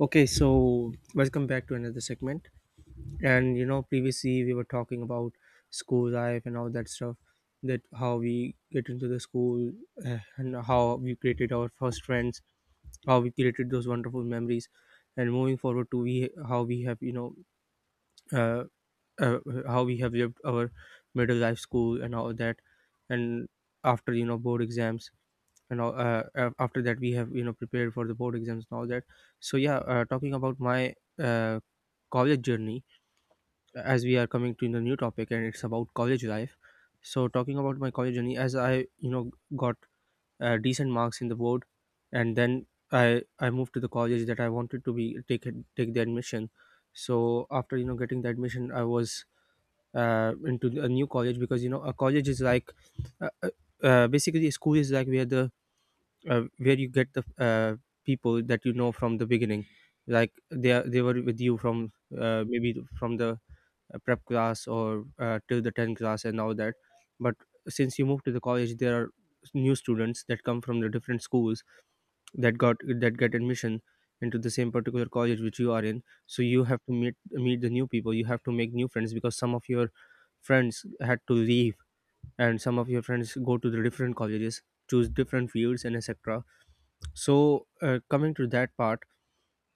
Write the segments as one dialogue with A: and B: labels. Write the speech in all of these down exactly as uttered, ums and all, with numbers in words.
A: Okay, so welcome back to another segment. And you know, previously we were talking about school life and all that stuff, that how we get into the school uh, and how we created our first friends, how we created those wonderful memories, and moving forward to we how we have you know uh, uh, how we have lived our middle life school and all that, and after you know board exams and know uh, uh, after that we have you know prepared for the board exams and all that. So yeah, uh, talking about my uh, college journey, as we are coming to the new topic and it's about college life. So talking about my college journey, as I you know got uh, decent marks in the board, and then i i moved to the college that I wanted to be, take it- take the admission. So after you know getting the admission, I was uh, into a new college, because you know a college is like, uh, uh, uh, basically a school is like where the uh, where you get the uh, people that you know from the beginning, like they are, they were with you from uh, maybe from the uh, prep class or uh, till the tenth class and all that. But since you move to the college, there are new students that come from the different schools that got that get admission into the same particular college which you are in, so you have to meet meet the new people, you have to make new friends because some of your friends had to leave, and some of your friends go to the different colleges, choose different fields and etc. So, uh, coming to that part,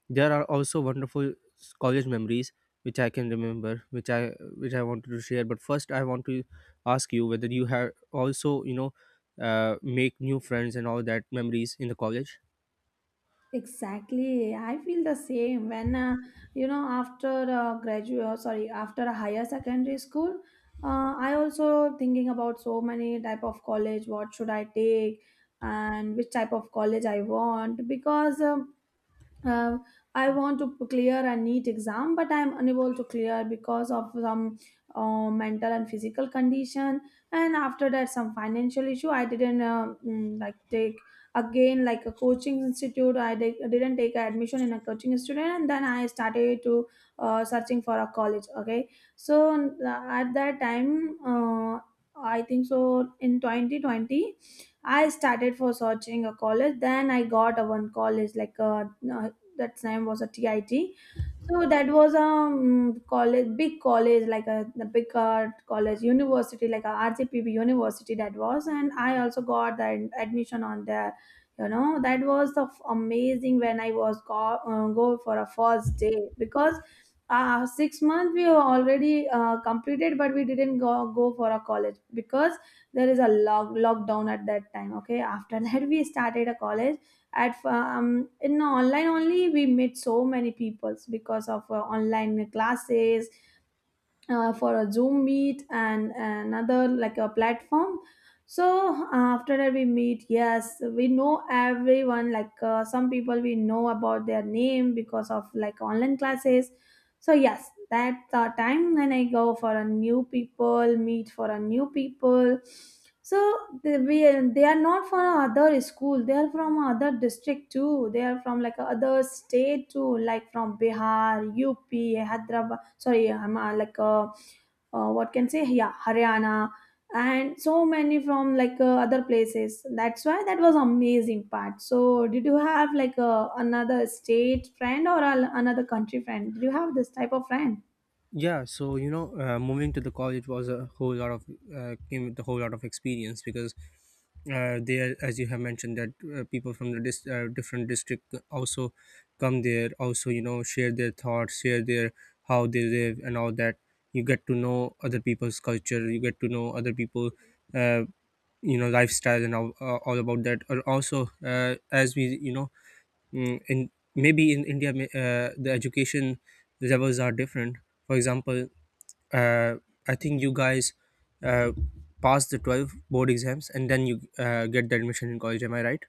A: there are also wonderful s- college memories which I can remember, which I which I wanted to share. But first, I want to ask you whether you have also you know uh, make new friends and all that memories in the college.
B: Exactly. I feel the same when, uh, you know, after uh, graduate, sorry, after a higher secondary school, uh, I also thinking about so many type of college, what should I take and which type of college I want because um, uh, I want to clear a neat exam, but I'm unable to clear because of some uh, mental and physical condition. And after that, some financial issue. I didn't uh, mm, like take again like a coaching institute. I di- didn't take admission in a coaching institute, and then I started to uh, searching for a college. Okay, so uh, at that time, uh, I think so in twenty twenty. I started for searching a college. Then I got a one college like uh, that time was a T I T. So that was a um, college, big college, like a the big uh, college university, like a R C P B university that was, and I also got the admission on there. You know that was the f- amazing when I was go, uh, go for a first day because uh, six months we were already uh, completed, but we didn't go go for a college because there is a lock lockdown at that time. Okay, after that we started a college at um, in online only we meet so many peoples because of uh, online classes uh, for a zoom meet and another like a platform. So after that we meet, yes, we know everyone, like uh, some people we know about their name because of like online classes. So yes, that's the time when I go for a new people meet, for a new people. So they, we, they are not from other school, they are from other district too, they are from like other state too, like from Bihar, UP, Hyderabad, sorry, I'm uh, like uh, uh, what can say yeah Haryana and so many from like uh, other places. That's why that was amazing part. So did you have like uh, another state friend or a, another country friend? Did you have this type of friend?
A: Yeah, so you know uh, moving to the college was a whole lot of uh, came with a whole lot of experience, because uh, there, as you have mentioned, that uh, people from the dis- uh, different district also come there, also you know share their thoughts, share their how they live and all that. You get to know other people's culture, you get to know other people uh, you know lifestyle and all, uh, all about that. Or also uh, as we you know mm, in maybe in India, may- uh, the education levels are different. For example, uh, I think you guys uh, pass the twelve board exams and then you uh, get the admission in college, am I right?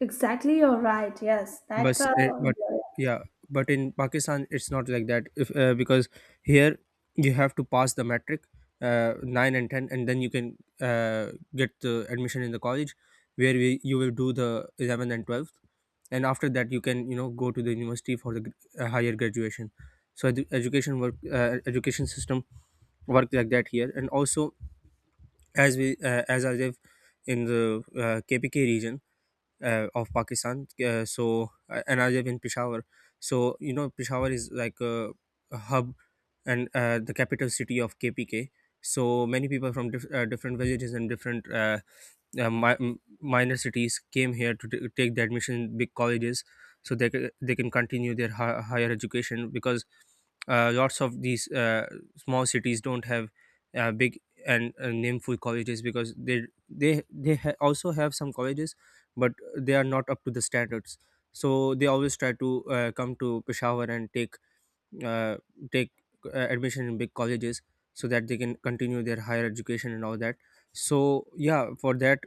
B: Exactly, you're right. Yes,
A: But
B: that's a
A: eh, but yeah, but in Pakistan it's not like that. If uh, because here you have to pass the metric, uh, nine and ten, and then you can uh, get the admission in the college, where we, you will do the eleventh and twelfth. And after that you can you know go to the university for the gr- uh, higher graduation. So the education work uh, education system work like that here. And also, as we uh, as I live in the uh, KPK region uh, of Pakistan. Uh, so uh, and I live in Peshawar. So you know Peshawar is like a, a hub and uh, the capital city of K P K. So many people from diff- uh, different villages and different uh, uh, mi- m- minor cities came here to t- take the admission in big colleges, so they, ca- they can continue their hi- higher education, because uh, lots of these uh, small cities don't have uh, big and uh, nameful colleges. Because they they they ha- also have some colleges, but they are not up to the standards. So they always try to uh, come to Peshawar and take, uh, take uh, admission in big colleges, so that they can continue their higher education and all that. So yeah, for that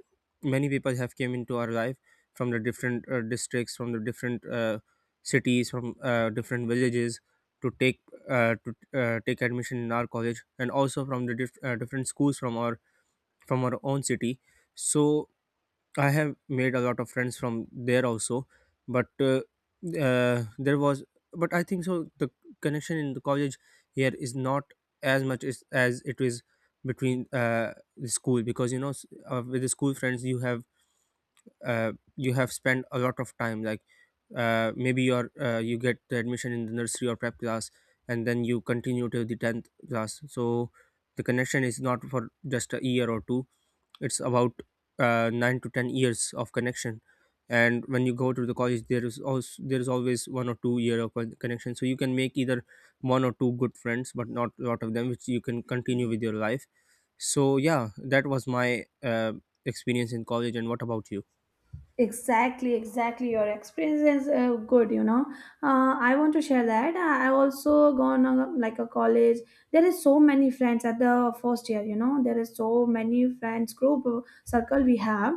A: many people have came into our life from the different uh, districts, from the different uh, cities, from uh, different villages, to take uh, to uh, take admission in our college, and also from the diff- uh, different schools, from our from our own city. So I have made a lot of friends from there also, but uh, uh, there was, but I think so. The connection in the college here is not as much as, as it is between uh, the school. Because you know, s- uh, with the school friends you have, uh, you have spent a lot of time, like uh, maybe you're uh, you get the admission in the nursery or prep class and then you continue till the tenth class. So the connection is not for just a year or two, it's about uh, nine to ten years of connection. And when you go to the college, there is also, there is always one or two year of con- connection, so you can make either one or two good friends, but not a lot of them which you can continue with your life. So yeah, that was my uh, experience in college. And what about you?
B: exactly exactly your experience is uh, good, you know. uh, I want to share that i I also gone on like a college. There is so many friends at the first year, you know, there is so many friends group, uh, circle we have,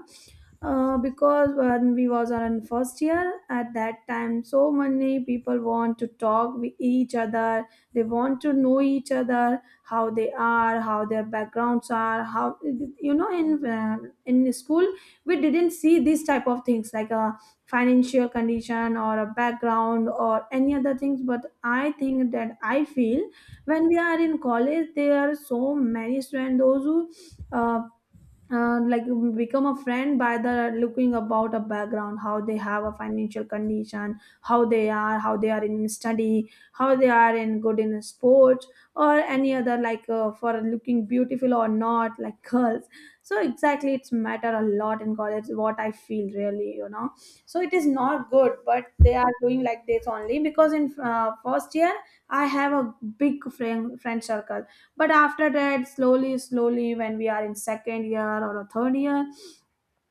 B: uh, because when we was on first year at that time, so many people want to talk with each other. They want to know each other, how they are, how their backgrounds are, how, you know, in uh, in school we didn't see these type of things like a financial condition or a background or any other things. But I think that I feel when we are in college, there are so many students those who uh, uh, like we become a friend by the looking about a background, how they have a financial condition, how they are, how they are in study, how they are in good in sports or any other like uh, for looking beautiful or not, like girls. So exactly, it's matter a lot in college, what I feel, really, you know. So it is not good, but they are doing like this only. Because in uh, first year I have a big friend friend circle. But after that, slowly slowly, when we are in second year or a third year,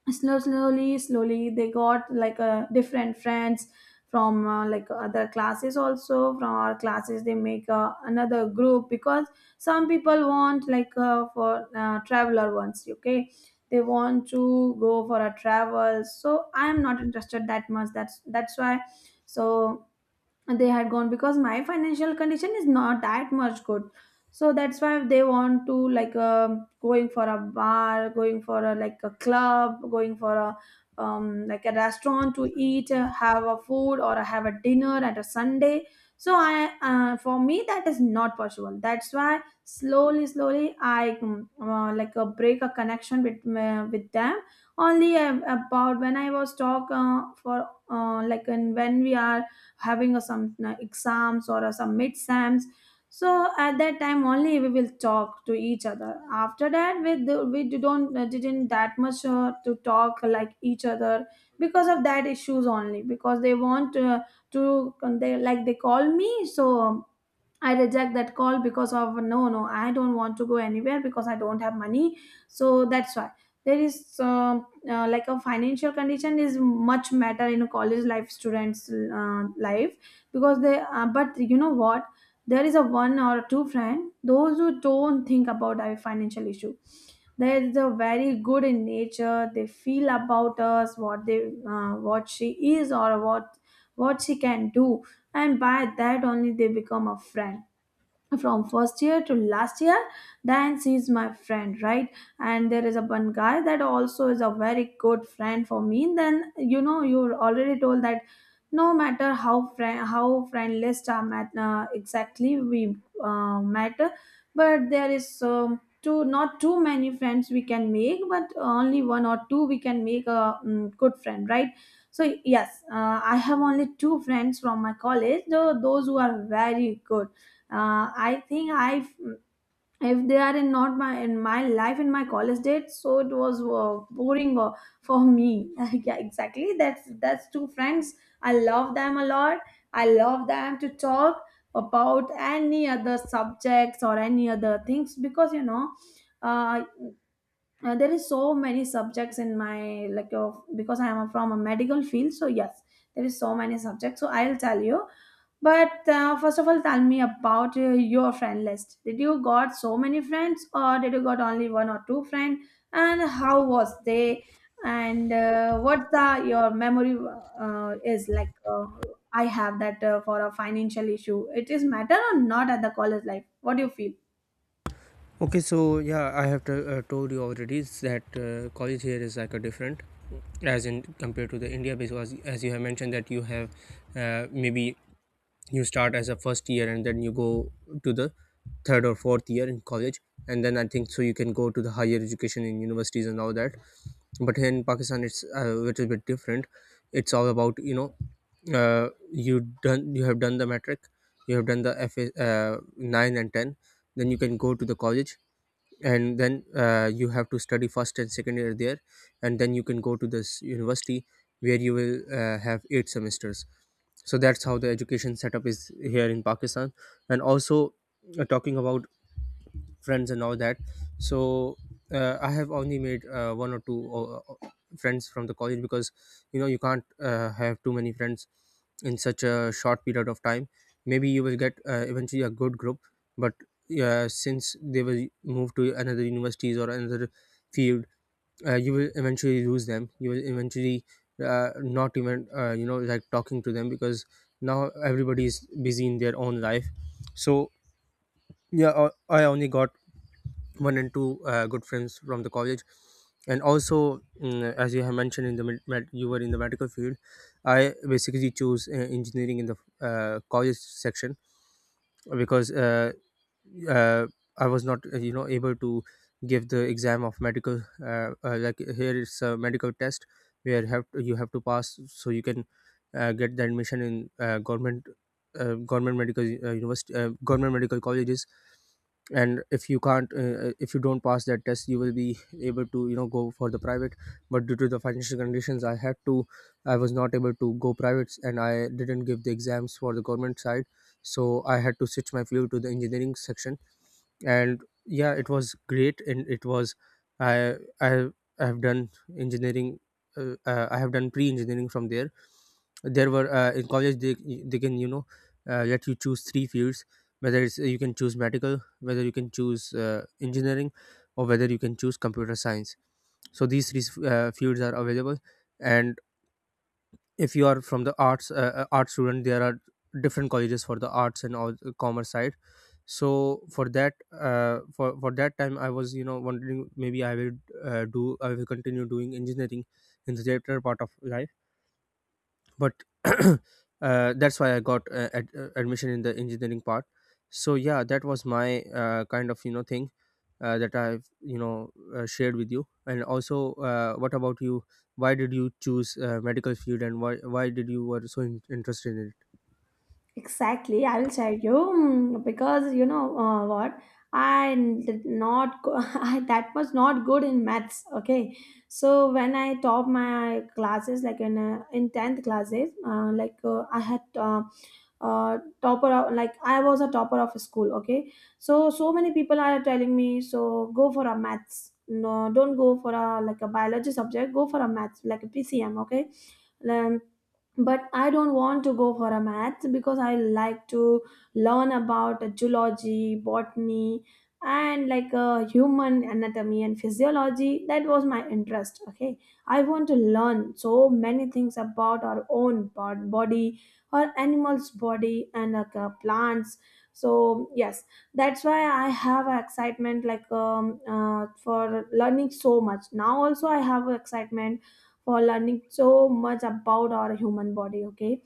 B: slow, slowly slowly they got like a different friends from uh, like other classes, also from our classes, they make uh, another group because some people want like uh, for uh, traveler ones. Okay, they want to go for a travel, so I am not interested that much. That's that's why. So they had gone because my financial condition is not that much good. So that's why they want to, like um going for a bar, going for a like a club, going for a um, like a restaurant to eat, uh, have a food or have a dinner at a Sunday. So I, uh, for me, that is not possible. That's why slowly slowly I mm, uh, like uh, break a connection with uh, with them. Only uh, about when I was talk uh, for uh, like, and when we are having a, some uh, exams or a, some mid-sams, so at that time only we will talk to each other. After that we, do- we do- don't uh, didn't that much uh, to talk like each other because of that issues only. Because they want uh, to, they like they call me, so I reject that call because of no, no, I don't want to go anywhere because I don't have money. So that's why there is um uh, like a financial condition is much matter in a college life, students uh, life. Because they uh, but you know what, there is a one or two friend those who don't think about our financial issue. They are very good in nature. They feel about us, what they uh, what she is or what what she can do. And by that only they become a friend from first year to last year. Dance is my friend, right? And there is a one guy that also is a very good friend for me. Then you know you already told that no matter how friend, how friend list are met, uh, exactly we uh, met. But there is um, two, not too many friends we can make, but only one or two we can make a um, good friend, right? So yes, uh, I have only two friends from my college, though those who are very good. Uh, I think I if they are in, not my, in my life, in my college days, so it was uh, boring uh, for me. Yeah, exactly. That's that's two friends. I love them a lot. I love them to talk about any other subjects or any other things because you know. Uh, uh, there is so many subjects in my like uh, because I am from a medical field, so yes, there is so many subjects, so I'll tell you. But uh, first of all, tell me about uh, your friend list. Did you got so many friends, or did you got only one or two friend? And how was they? And uh, what the your memory uh, is like? Uh, I have that uh, for a financial issue. It is matter or not at the college life? What do you feel?
A: Okay, so yeah, i have to, uh, told you already, is that uh, college here is like a different, as in compared to the India. Because as you have mentioned that you have uh, maybe you start as a first year and then you go to the third or fourth year in college, and then I think so you can go to the higher education in universities and all that. But here in Pakistan it's a little bit different. It's all about you know, uh, you done you have done the metric, you have done the F A, uh, nine and ten, then you can go to the college. And then uh, you have to study first and second year there, and then you can go to this university where you will uh, have eight semesters. So that's how the education setup is here in Pakistan. And also uh, talking about friends and all that. So uh, I have only made uh, one or two uh, uh, friends from the college, because you know you can't uh, have too many friends in such a short period of time. Maybe you will get uh, eventually a good group, but uh, since they will move to another universities or another field, uh, you will eventually lose them, you will eventually uh, not even uh, you know like talking to them, because now everybody is busy in their own life. So yeah, uh, I only got one and two uh, good friends from the college. And also, mm, as you have mentioned, in the med- med- you were in the medical field. I basically chose uh, engineering in the uh, college section, because uh, uh, I was not uh, you know able to give the exam of medical, uh, uh, like here it's a medical test where have you have to pass, so you can uh, get the admission in uh, government uh, government medical uh, university uh, government medical colleges. And if you can't, uh, if you don't pass that test, you will be able to you know go for the private. But due to the financial conditions, I had to, I was not able to go privates, and I didn't give the exams for the government side. So I had to switch my field to the engineering section. And yeah, it was great, and it was, i i, I have done engineering, uh, uh, I have done pre-engineering from there. There were uh, in college, they they can you know uh, let you choose three fields, whether it's you can choose medical, whether you can choose uh, engineering, or whether you can choose computer science. So these three uh, fields are available. And if you are from the arts, uh, uh, art student, there are different colleges for the arts and all commerce side. So for that, uh, for for that time I was you know wondering, maybe I will uh, do I will continue doing engineering in the later part of life. But uh, that's why I got uh, ad- uh, admission in the engineering part. So yeah, that was my uh, kind of you know thing uh, that I've you know uh, shared with you. And also, uh, what about you? Why did you choose uh, medical field? And why why did you were so in- interested in it?
B: Exactly, I will tell you, mm, because you know uh, what I did not go, I, that was not good in maths. Okay, so when I top my classes, like in uh, in tenth classes, uh, like uh, I had uh, uh, topper of, like I was a topper of school. Okay, so so many people are telling me, so go for a maths. No, don't go for a like a biology subject. Go for a maths like a P C M. Okay, um, but I don't want to go for a math because I like to learn about geology, botany, and like uh, human anatomy and physiology. That was my interest. Okay, I want to learn so many things about our own bod- body, our animals' body, and like uh, plants. So yes, that's why I have a excitement like um, uh, for learning so much. Now also I have a excitement for learning so much about our human body, okay.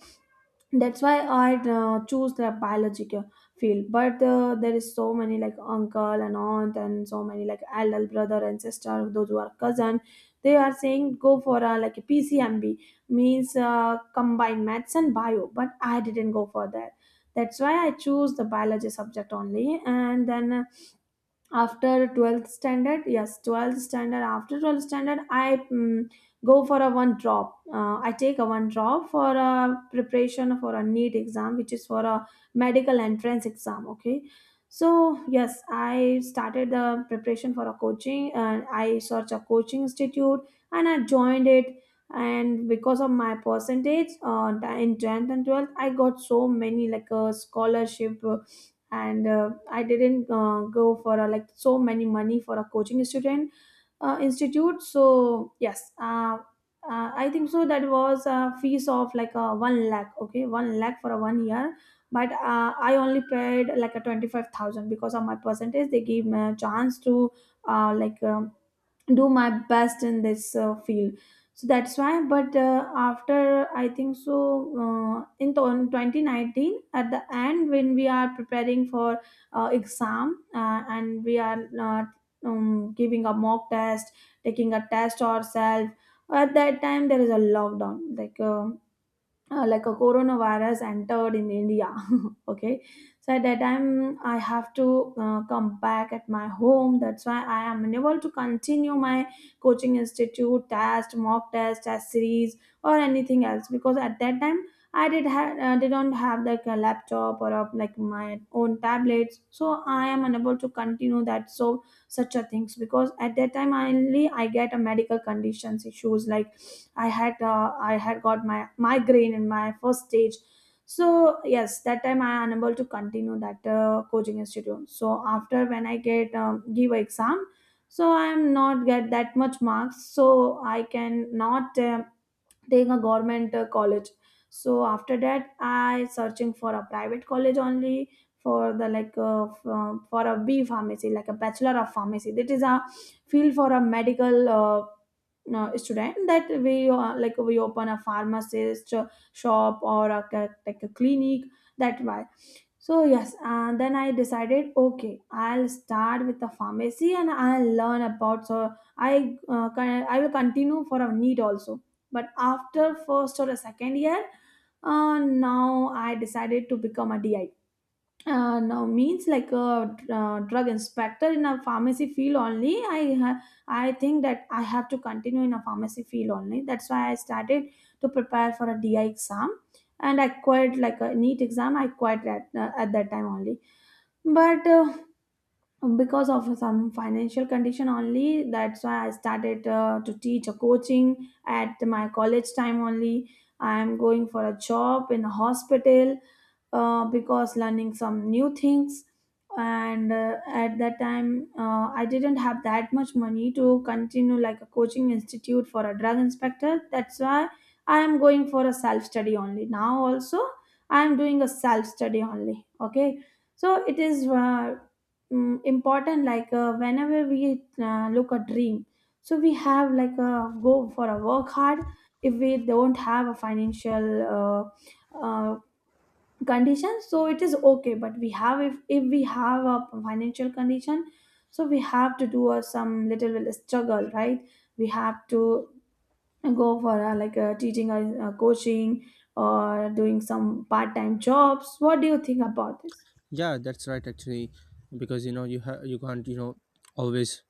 B: That's why I uh, choose the biology ca- field. But uh, there is so many like uncle and aunt and so many like elder brother and sister those who are cousin, they are saying go for a like a P C M B, means uh, combined maths and bio. But I didn't go for that. That's why I choose the biology subject only. And then uh, after twelfth standard, yes, twelfth standard, after twelfth standard, I mm, go for a one drop. uh, I take a one drop for a preparation for a NEET exam, which is for a medical entrance exam, okay. So yes, I started the preparation for a coaching, and I searched a coaching institute, and I joined it. And because of my percentage uh, in tenth and twelfth, I got so many like a scholarship, uh, and uh, I didn't uh, go for uh, like so many money for a coaching student uh, institute. So yes, uh, uh, I think so that was a fees of like a one lakh, okay, one lakh for a one year. But uh, I only paid like a twenty-five thousand because of my percentage. They gave me a chance to uh, like um, do my best in this uh, field. So that's why. But uh, after I think so uh, in th- twenty nineteen at the end, when we are preparing for uh, exam, uh, and we are uh, um, giving a mock test, taking a test ourselves. At that time there is a lockdown, like uh, uh, like a coronavirus entered in India. Okay, so at that time I have to uh, come back at my home. That's why I am unable to continue my coaching institute test, mock test, test series, or anything else because at that time I did have uh, didn't have like a laptop or of like my own tablets, so I am unable to continue that. So such a things because at that time only I get a medical conditions issues like I had uh, I had got my migraine in my first stage. So yes, that time I unable to continue that uh, coaching institute. So after when I get um, give a exam, so I am not get that much marks. So I can not um taking a government uh, college. So after that I searching for a private college only for the like uh, f- uh, for a B pharmacy, like a bachelor of pharmacy. That is a field for a medical uh, uh, student, that we uh, like we open a pharmacist uh, shop or a, ca- like a clinic. That why. So yes, and then I decided, okay, I'll start with the pharmacy and I'll learn about. So I uh, con- I will continue for a need also. But after first or a second year, uh, now I decided to become a D I, uh, no means like a uh, drug inspector in a pharmacy field only. i ha- I think that I have to continue in a pharmacy field only. That's why I started to prepare for a DI exam. And I quit like a neat exam, I quit at, uh, at that time only. But uh, because of some financial condition only, that's why I started uh, to teach a coaching at my college time only. I am going for a job in a hospital, uh, because learning some new things. And uh, At that time uh, I didn't have that much money to continue like a coaching institute for a drug inspector. That's why I am going for a self study only. Now also I am doing a self study only. Okay, so it is uh, mm, important, like uh, whenever we uh, look a dream, so we have like a go for a work hard. If we don't have a financial uh, uh, conditions, so it is okay. But we have, if if we have a financial condition, so we have to do a, some little bit struggle, right? We have to go for a, like a teaching or a coaching or doing some part-time jobs. What do you think about this?
A: Yeah, that's right. Actually, because you know you ha- you can't you know always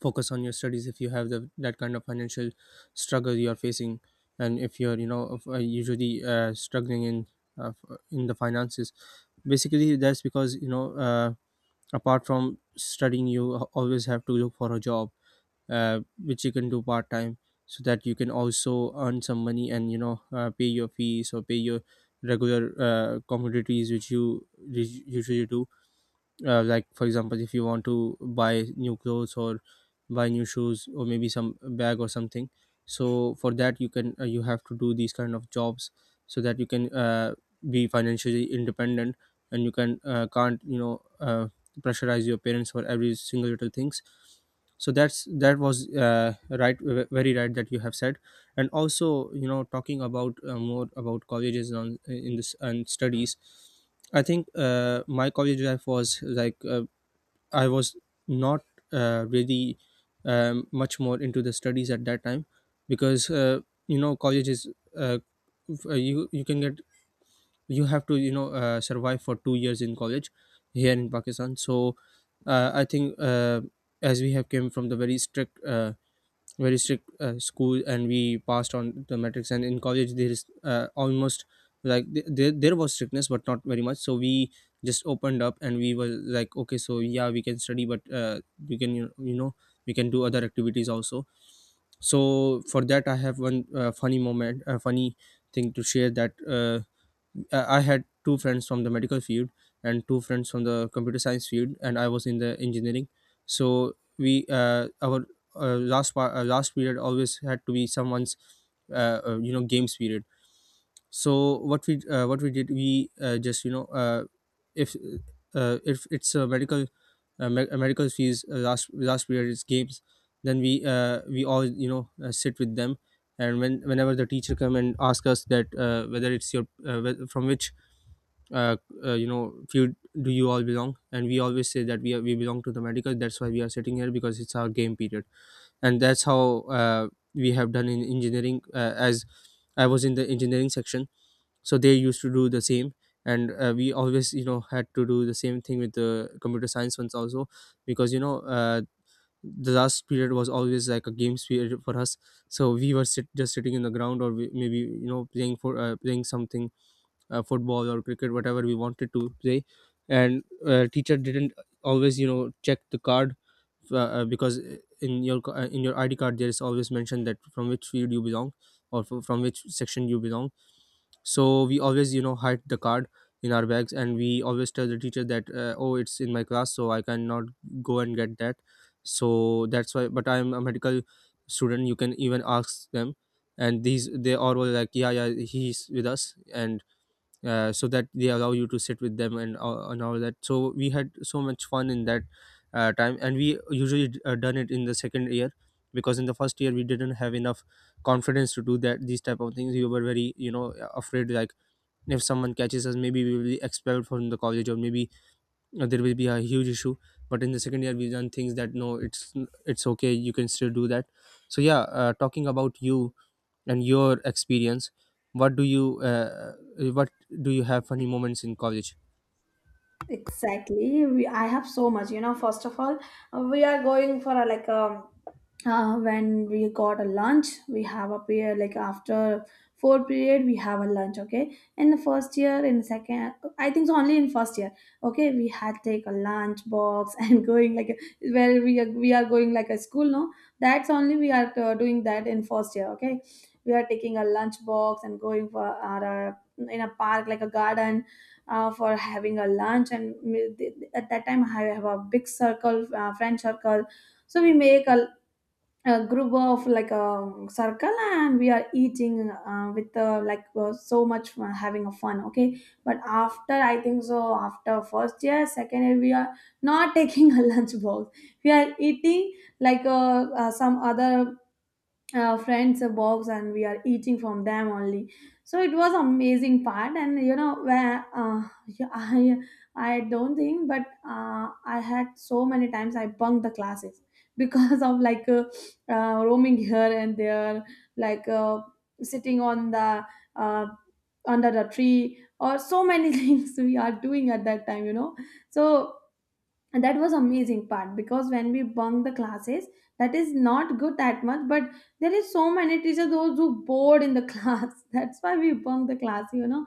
A: focus on your studies if you have the that kind of financial struggle you are facing. And if you're you know of- uh, usually uh, struggling in uh, f- in the finances. Basically, that's because you know uh, apart from studying you a- always have to look for a job uh, which you can do part time, so that you can also earn some money and you know uh, pay your fees or pay your regular uh, commodities which you us- usually do. Uh, like for example, if you want to buy new clothes or buy new shoes or maybe some bag or something, so for that you can uh, you have to do these kind of jobs so that you can uh, be financially independent, and you can uh, can't you know uh, pressurize your parents for every single little things. So that's that was uh, right, ve- very right, that you have said. And also, you know talking about uh, more about colleges on in this and studies, I think uh, my college life was like uh, I was not uh, really um, much more into the studies at that time, because uh, you know college is uh, f- uh, you you can get. You have to you know uh, survive for two years in college here in Pakistan. So uh, I think uh, as we have came from the very strict uh, very strict uh, school and we passed on the metrics, and in college there is uh, almost, like th- there, there was strictness but not very much, so we just opened up and we were like, okay so yeah we can study but uh, we can you you know we can do other activities also. So for that I have one uh, funny moment, a funny thing to share. That uh, uh, I had two friends from the medical field and two friends from the computer science field, and I was in the engineering. So we uh, our uh, last part, uh, last period always had to be someone's uh, uh, you know games period. So what we uh, what we did, we uh, just you know uh, if uh, if it's a medical uh, me- uh, medical fees uh, last last period is games, then we uh, we all you know uh, sit with them. And when whenever the teacher come and ask us that uh, whether it's your uh, whe- from which uh, uh, you know few do you all belong, and we always say that we are, we belong to the medical, that's why we are sitting here because it's our game period. And that's how uh, we have done in engineering. Uh, as I was in the engineering section, so they used to do the same. And uh, we always you know had to do the same thing with the computer science ones also, because you know uh, the last period was always like a games period for us. So we were sit, just sitting in the ground or we, maybe you know playing for uh, playing something, uh, football or cricket, whatever we wanted to play. And uh, teacher didn't always you know check the card uh, uh, because in your c- uh, in your ID card there is always mentioned that from which field you belong or f- from which section you belong. So we always you know hide the card in our bags, and we always tell the teacher that uh, oh, it's in my class so I cannot go and get that. So that's why. But I'm a medical student, you can even ask them. And these, they are all like, yeah yeah, he's with us. And uh, so that they allow you to sit with them and all- and all that. So we had so much fun in that uh, time. And we usually d- uh, done it in the second year, because in the first year we didn't have enough confidence to do that. These type of things, we were very you know afraid, like if someone catches us maybe we will be expelled from the college, or maybe uh, there will be a huge issue. But in the second year, we done things that no, it's it's okay, you can still do that. So yeah, uh, talking about you and your experience, what do you uh, what do you have funny moments in college?
B: Exactly. We, I have so much, you know. First of all, we are going for a, like a uh, when we got a lunch, we have a period like after four period we have a lunch, okay? In the first year, in second, I think so only in first year, okay. We had take a lunch box and going like a- where we are, we are going like a school, no? That's only we are uh, doing that in first year, okay. We are taking a lunch box and going for our uh, in a park like a garden uh, for having a lunch. And me- th- th- at that time I have a big circle, uh, friend circle. So we make a a group of like a circle and we are eating uh, with uh, like uh, so much fun, having a fun, okay. But after I think so, after first year, second year we are not taking a lunch box. We are eating like uh, uh, some other uh, friends a box and we are eating from them only. So it was amazing part. And you know where uh, yeah, i i don't think. But uh, I had so many times I bunked the classes because of like uh, uh, roaming here and there, like uh, sitting on the uh, under the tree or so many things we are doing at that time, you know. So and that was amazing part, because when we bunk the classes, that is not good that much. But there is so many teachers those who bored in the class, that's why we bunk the class, you know.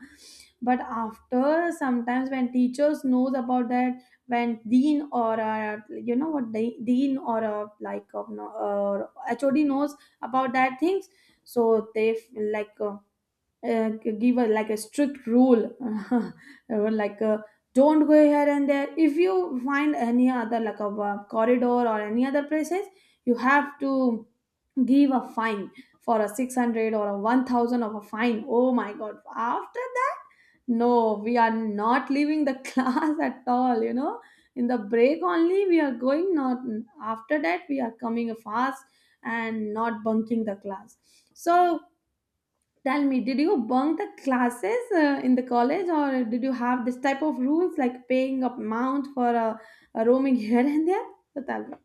B: But after sometimes when teachers knows about that, when dean or uh, you know what, de- dean or uh, like uh, no- or HOD knows about that things. So they f- like uh, uh, give a like a strict rule or like uh don't go here and there. If you find any other like a uh, corridor or any other places, you have to give a fine for a six hundred or a one thousand of a fine. Oh my god, after that, no, we are not leaving the class at all, you know. In the break only we are going, not after that. We are coming fast and not bunking the class. So tell me, did you bunk the classes uh, in the college, or did you have this type of rules like paying a amount for a, a roaming here and there? So tell me.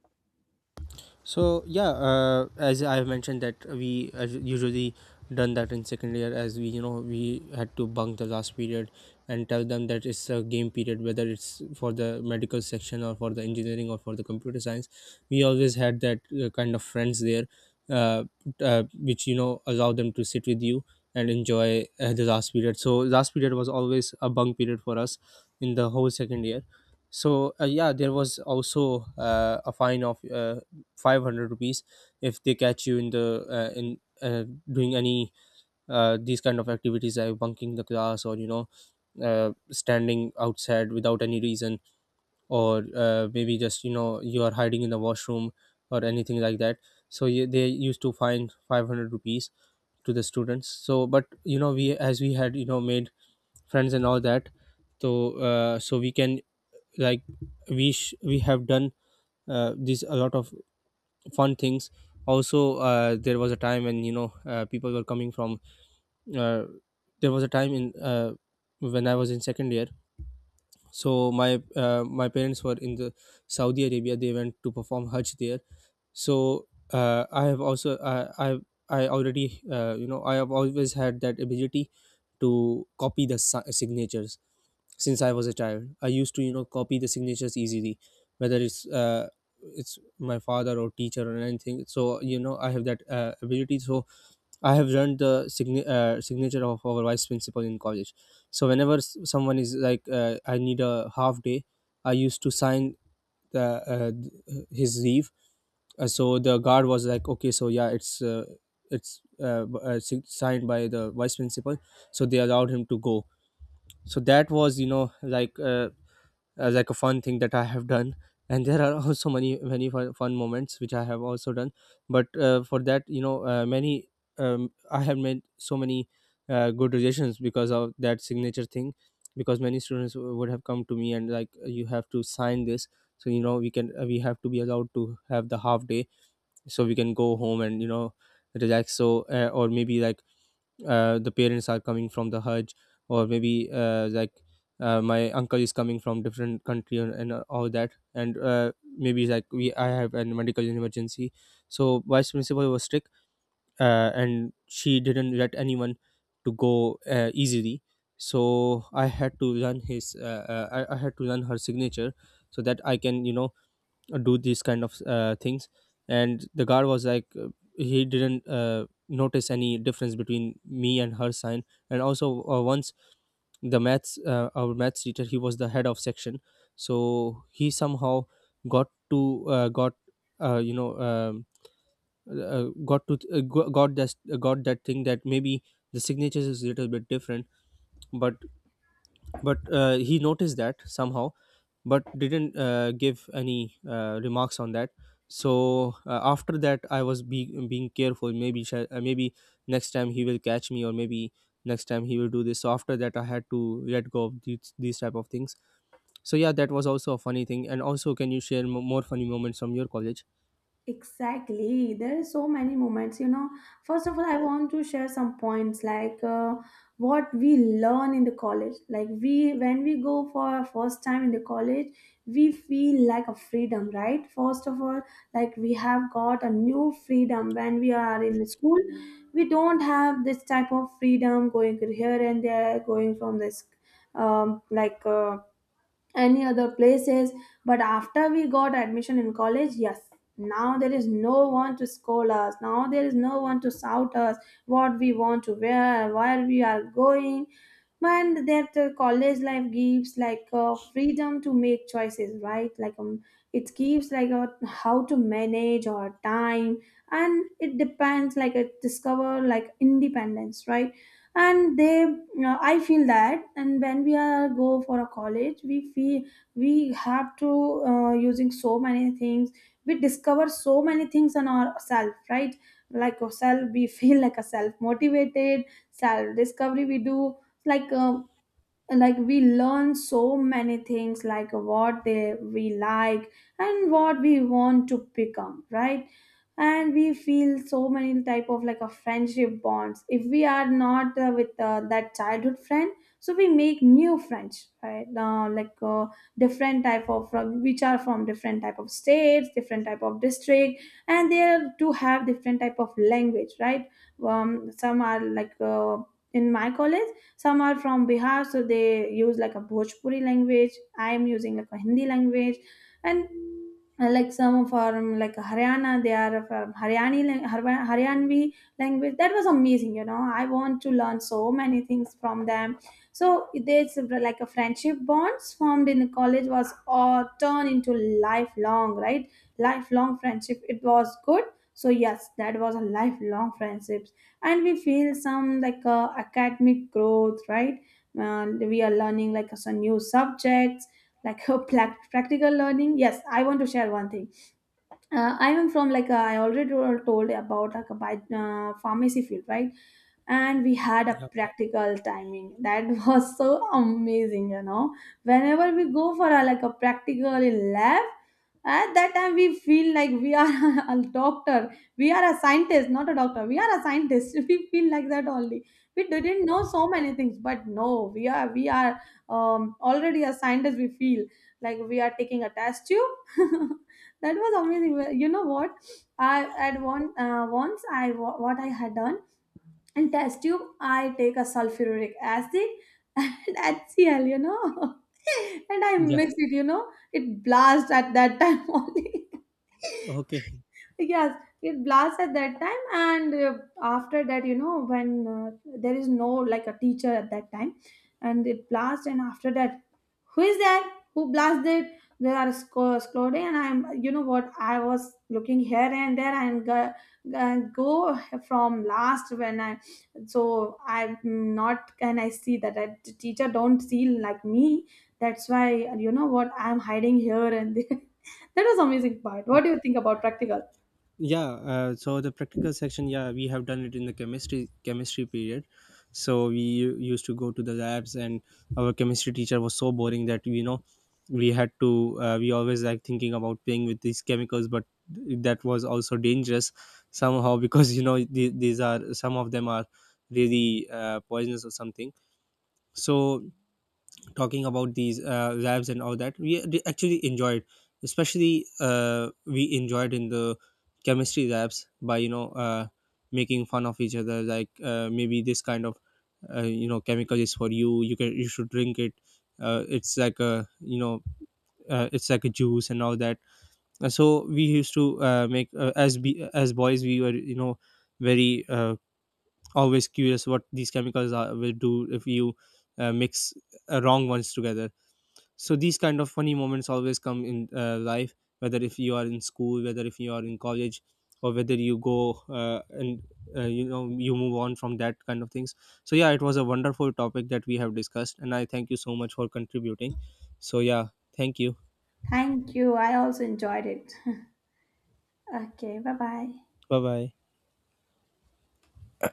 A: So yeah, uh, as I have mentioned that we uh, usually done that in second year, as we you know we had to bunk the last period and tell them that it's a game period, whether it's for the medical section or for the engineering or for the computer science. We always had that uh, kind of friends there, uh, uh, which you know allow them to sit with you and enjoy uh, the last period. So last period was always a bunk period for us in the whole second year. So uh, yeah, there was also uh, a fine of uh, five hundred rupees if they catch you in the uh, in uh, doing any uh, these kind of activities like bunking the class, or you know uh, standing outside without any reason, or uh, maybe just you know you are hiding in the washroom or anything like that. So yeah, they used to fine five hundred rupees to the students. So but you know, we as we had you know made friends and all that, so uh, so we can, like, we sh- we have done uh, this a lot of fun things. Also, uh, there was a time when you know uh, people were coming from uh, there was a time in uh, when I was in second year, so my uh, my parents were in the Saudi Arabia, they went to perform hajj there. So uh, I have also uh, i i already uh, you know I have always had that ability to copy the si- signatures since I was a child. I used to, you know, copy the signatures easily, whether it's uh, it's my father or teacher or anything. So you know, I have that uh, ability. So I have learned the sign- uh, signature of our vice principal in college. So whenever s- someone is like, uh, I need a half day, I used to sign the uh, th- his leave. Uh, so the guard was like, okay, so yeah, it's. Uh, it's uh, b- uh, sig- signed by the vice principal, so they allowed him to go. So that was you know like uh, as like a fun thing that I have done. And there are also many, many fun, fun moments which I have also done. But uh, for that, you know, uh, many um, I have made so many uh, good relations because of that signature thing. Because many students would have come to me and like, you have to sign this, so you know we can uh, we have to be allowed to have the half day, so we can go home and you know relax. So uh, or maybe like uh, the parents are coming from the hajj, or maybe uh, like uh, my uncle is coming from different country, and, and uh, all that. And uh, maybe like we I have a medical emergency. So vice principal was strict, uh, and she didn't let anyone to go uh, easily. So I had to learn his uh, uh, I, I had to learn her signature so that I can you know do these kind of uh, things. And the guard was like, uh, he didn't uh, notice any difference between me and her sign. And also, uh, once the maths uh, our maths teacher, he was the head of section. So he somehow got to uh, got uh, you know um, uh, got to uh, go- got that got that thing that maybe the signatures is a little bit different. But but uh, he noticed that somehow, but didn't uh, give any uh, remarks on that. So uh, after that I was be- being careful, maybe sh- uh, maybe next time he will catch me, or maybe next time he will do this. So after that I had to let go of these, these type of things. So yeah, that was also a funny thing. And also, can you share m- more funny moments from your college?
B: Exactly. There are so many moments, you know. First of all, I want to share some points like uh, what we learn in the college. Like we when we go for our first time in the college, we feel like a freedom, right? First of all, like we have got a new freedom. When we are in the school, we don't have this type of freedom going here and there, going from this um like uh, any other places. But after we got admission in college, yes, now there is no one to scold us, now there is no one to shout us what we want to wear, where we are going. And that uh, college life gives like uh, freedom to make choices, right? Like um, it gives like a, how to manage our time. And it depends, like it discover like independence, right? And they uh, I feel that. And when we are go for a college, we feel we have to uh, using so many things, we discover so many things on ourselves, right? Like ourselves we feel like a self motivated, self discovery we do, like uh, like we learn so many things like what they we like and what we want to become, right? And we feel so many type of like a friendship bonds. If we are not uh, with uh, that childhood friend, so we make new friends, right? Uh, like uh, different type of uh, which are from different type of states, different type of district, and they are to have different type of language, right? Um, some are like uh, in my college, some are from Bihar, so they use like a Bhojpuri language. I am using like a Hindi language. And uh, like some from like Haryana, they are from Haryani, lang- Harwa- Haryanvi language. That was amazing, you know. I want to learn so many things from them. So there's like a friendship bonds formed in college was all turned into lifelong, right? Lifelong friendship. It was good. So yes, that was a lifelong friendship. And we feel some like uh, academic growth, right? And we are learning like some new subjects, like uh, prac- practical learning. Yes, I want to share one thing. uh, I am from like uh, I already told told about like a bi- uh, pharmacy field, right? And we had a
A: Yeah.
B: practical timing that was so amazing, you know. Whenever we go for a, like a practical in lab, at that time we feel like we are a doctor, we are a scientist, not a doctor. We are a scientist. We feel like that only. We didn't know so many things, but no, we are we are um, already a scientist. We feel like we are taking a test tube. That was amazing. Well, you know what, I at one uh, once i wa- what I had done in test tube, I take a sulfuric acid and H C L, you know, and I mix
A: Yeah.
B: it, you know, it blast at that time only.
A: Okay.
B: Yes, it blasts at that time. And uh, after that, you know, when uh, there is no like a teacher at that time, and it blasts. And after that, who is there, who blasted, there are sco- scored. And I'm, you know what, I was looking here and there and go, go from last when I, so I'm not can I see that I, the teacher don't see like me, that's why, you know what, I'm hiding here and there. That was amazing part. What do you think about practical?
A: Yeah, uh, so the practical section, yeah, we have done it in the chemistry chemistry period. So we u- used to go to the labs, and our chemistry teacher was so boring that you know we had to uh, we always like thinking about playing with these chemicals, but that was also dangerous somehow because you know the- these are some of them are really uh, poisonous or something. So talking about these uh, labs and all that, we d- actually enjoyed. Especially uh, we enjoyed in the chemistry labs by you know uh, making fun of each other, like uh, maybe this kind of uh, you know chemical is for you, you can, you should drink it, uh, it's like a you know uh, it's like a juice and all that. Uh, so we used to uh, make uh, as be, as boys we were you know very uh, always curious what these chemicals are, will do if you uh, mix uh, wrong ones together. So these kind of funny moments always come in uh, life, whether if you are in school, whether if you are in college, or whether you go uh, and uh, you know you move on from that kind of things. So yeah, it was a wonderful topic that we have discussed, and I thank you so much for contributing. So yeah, thank you.
B: Thank you, I also enjoyed it. Okay, bye bye.
A: Bye bye.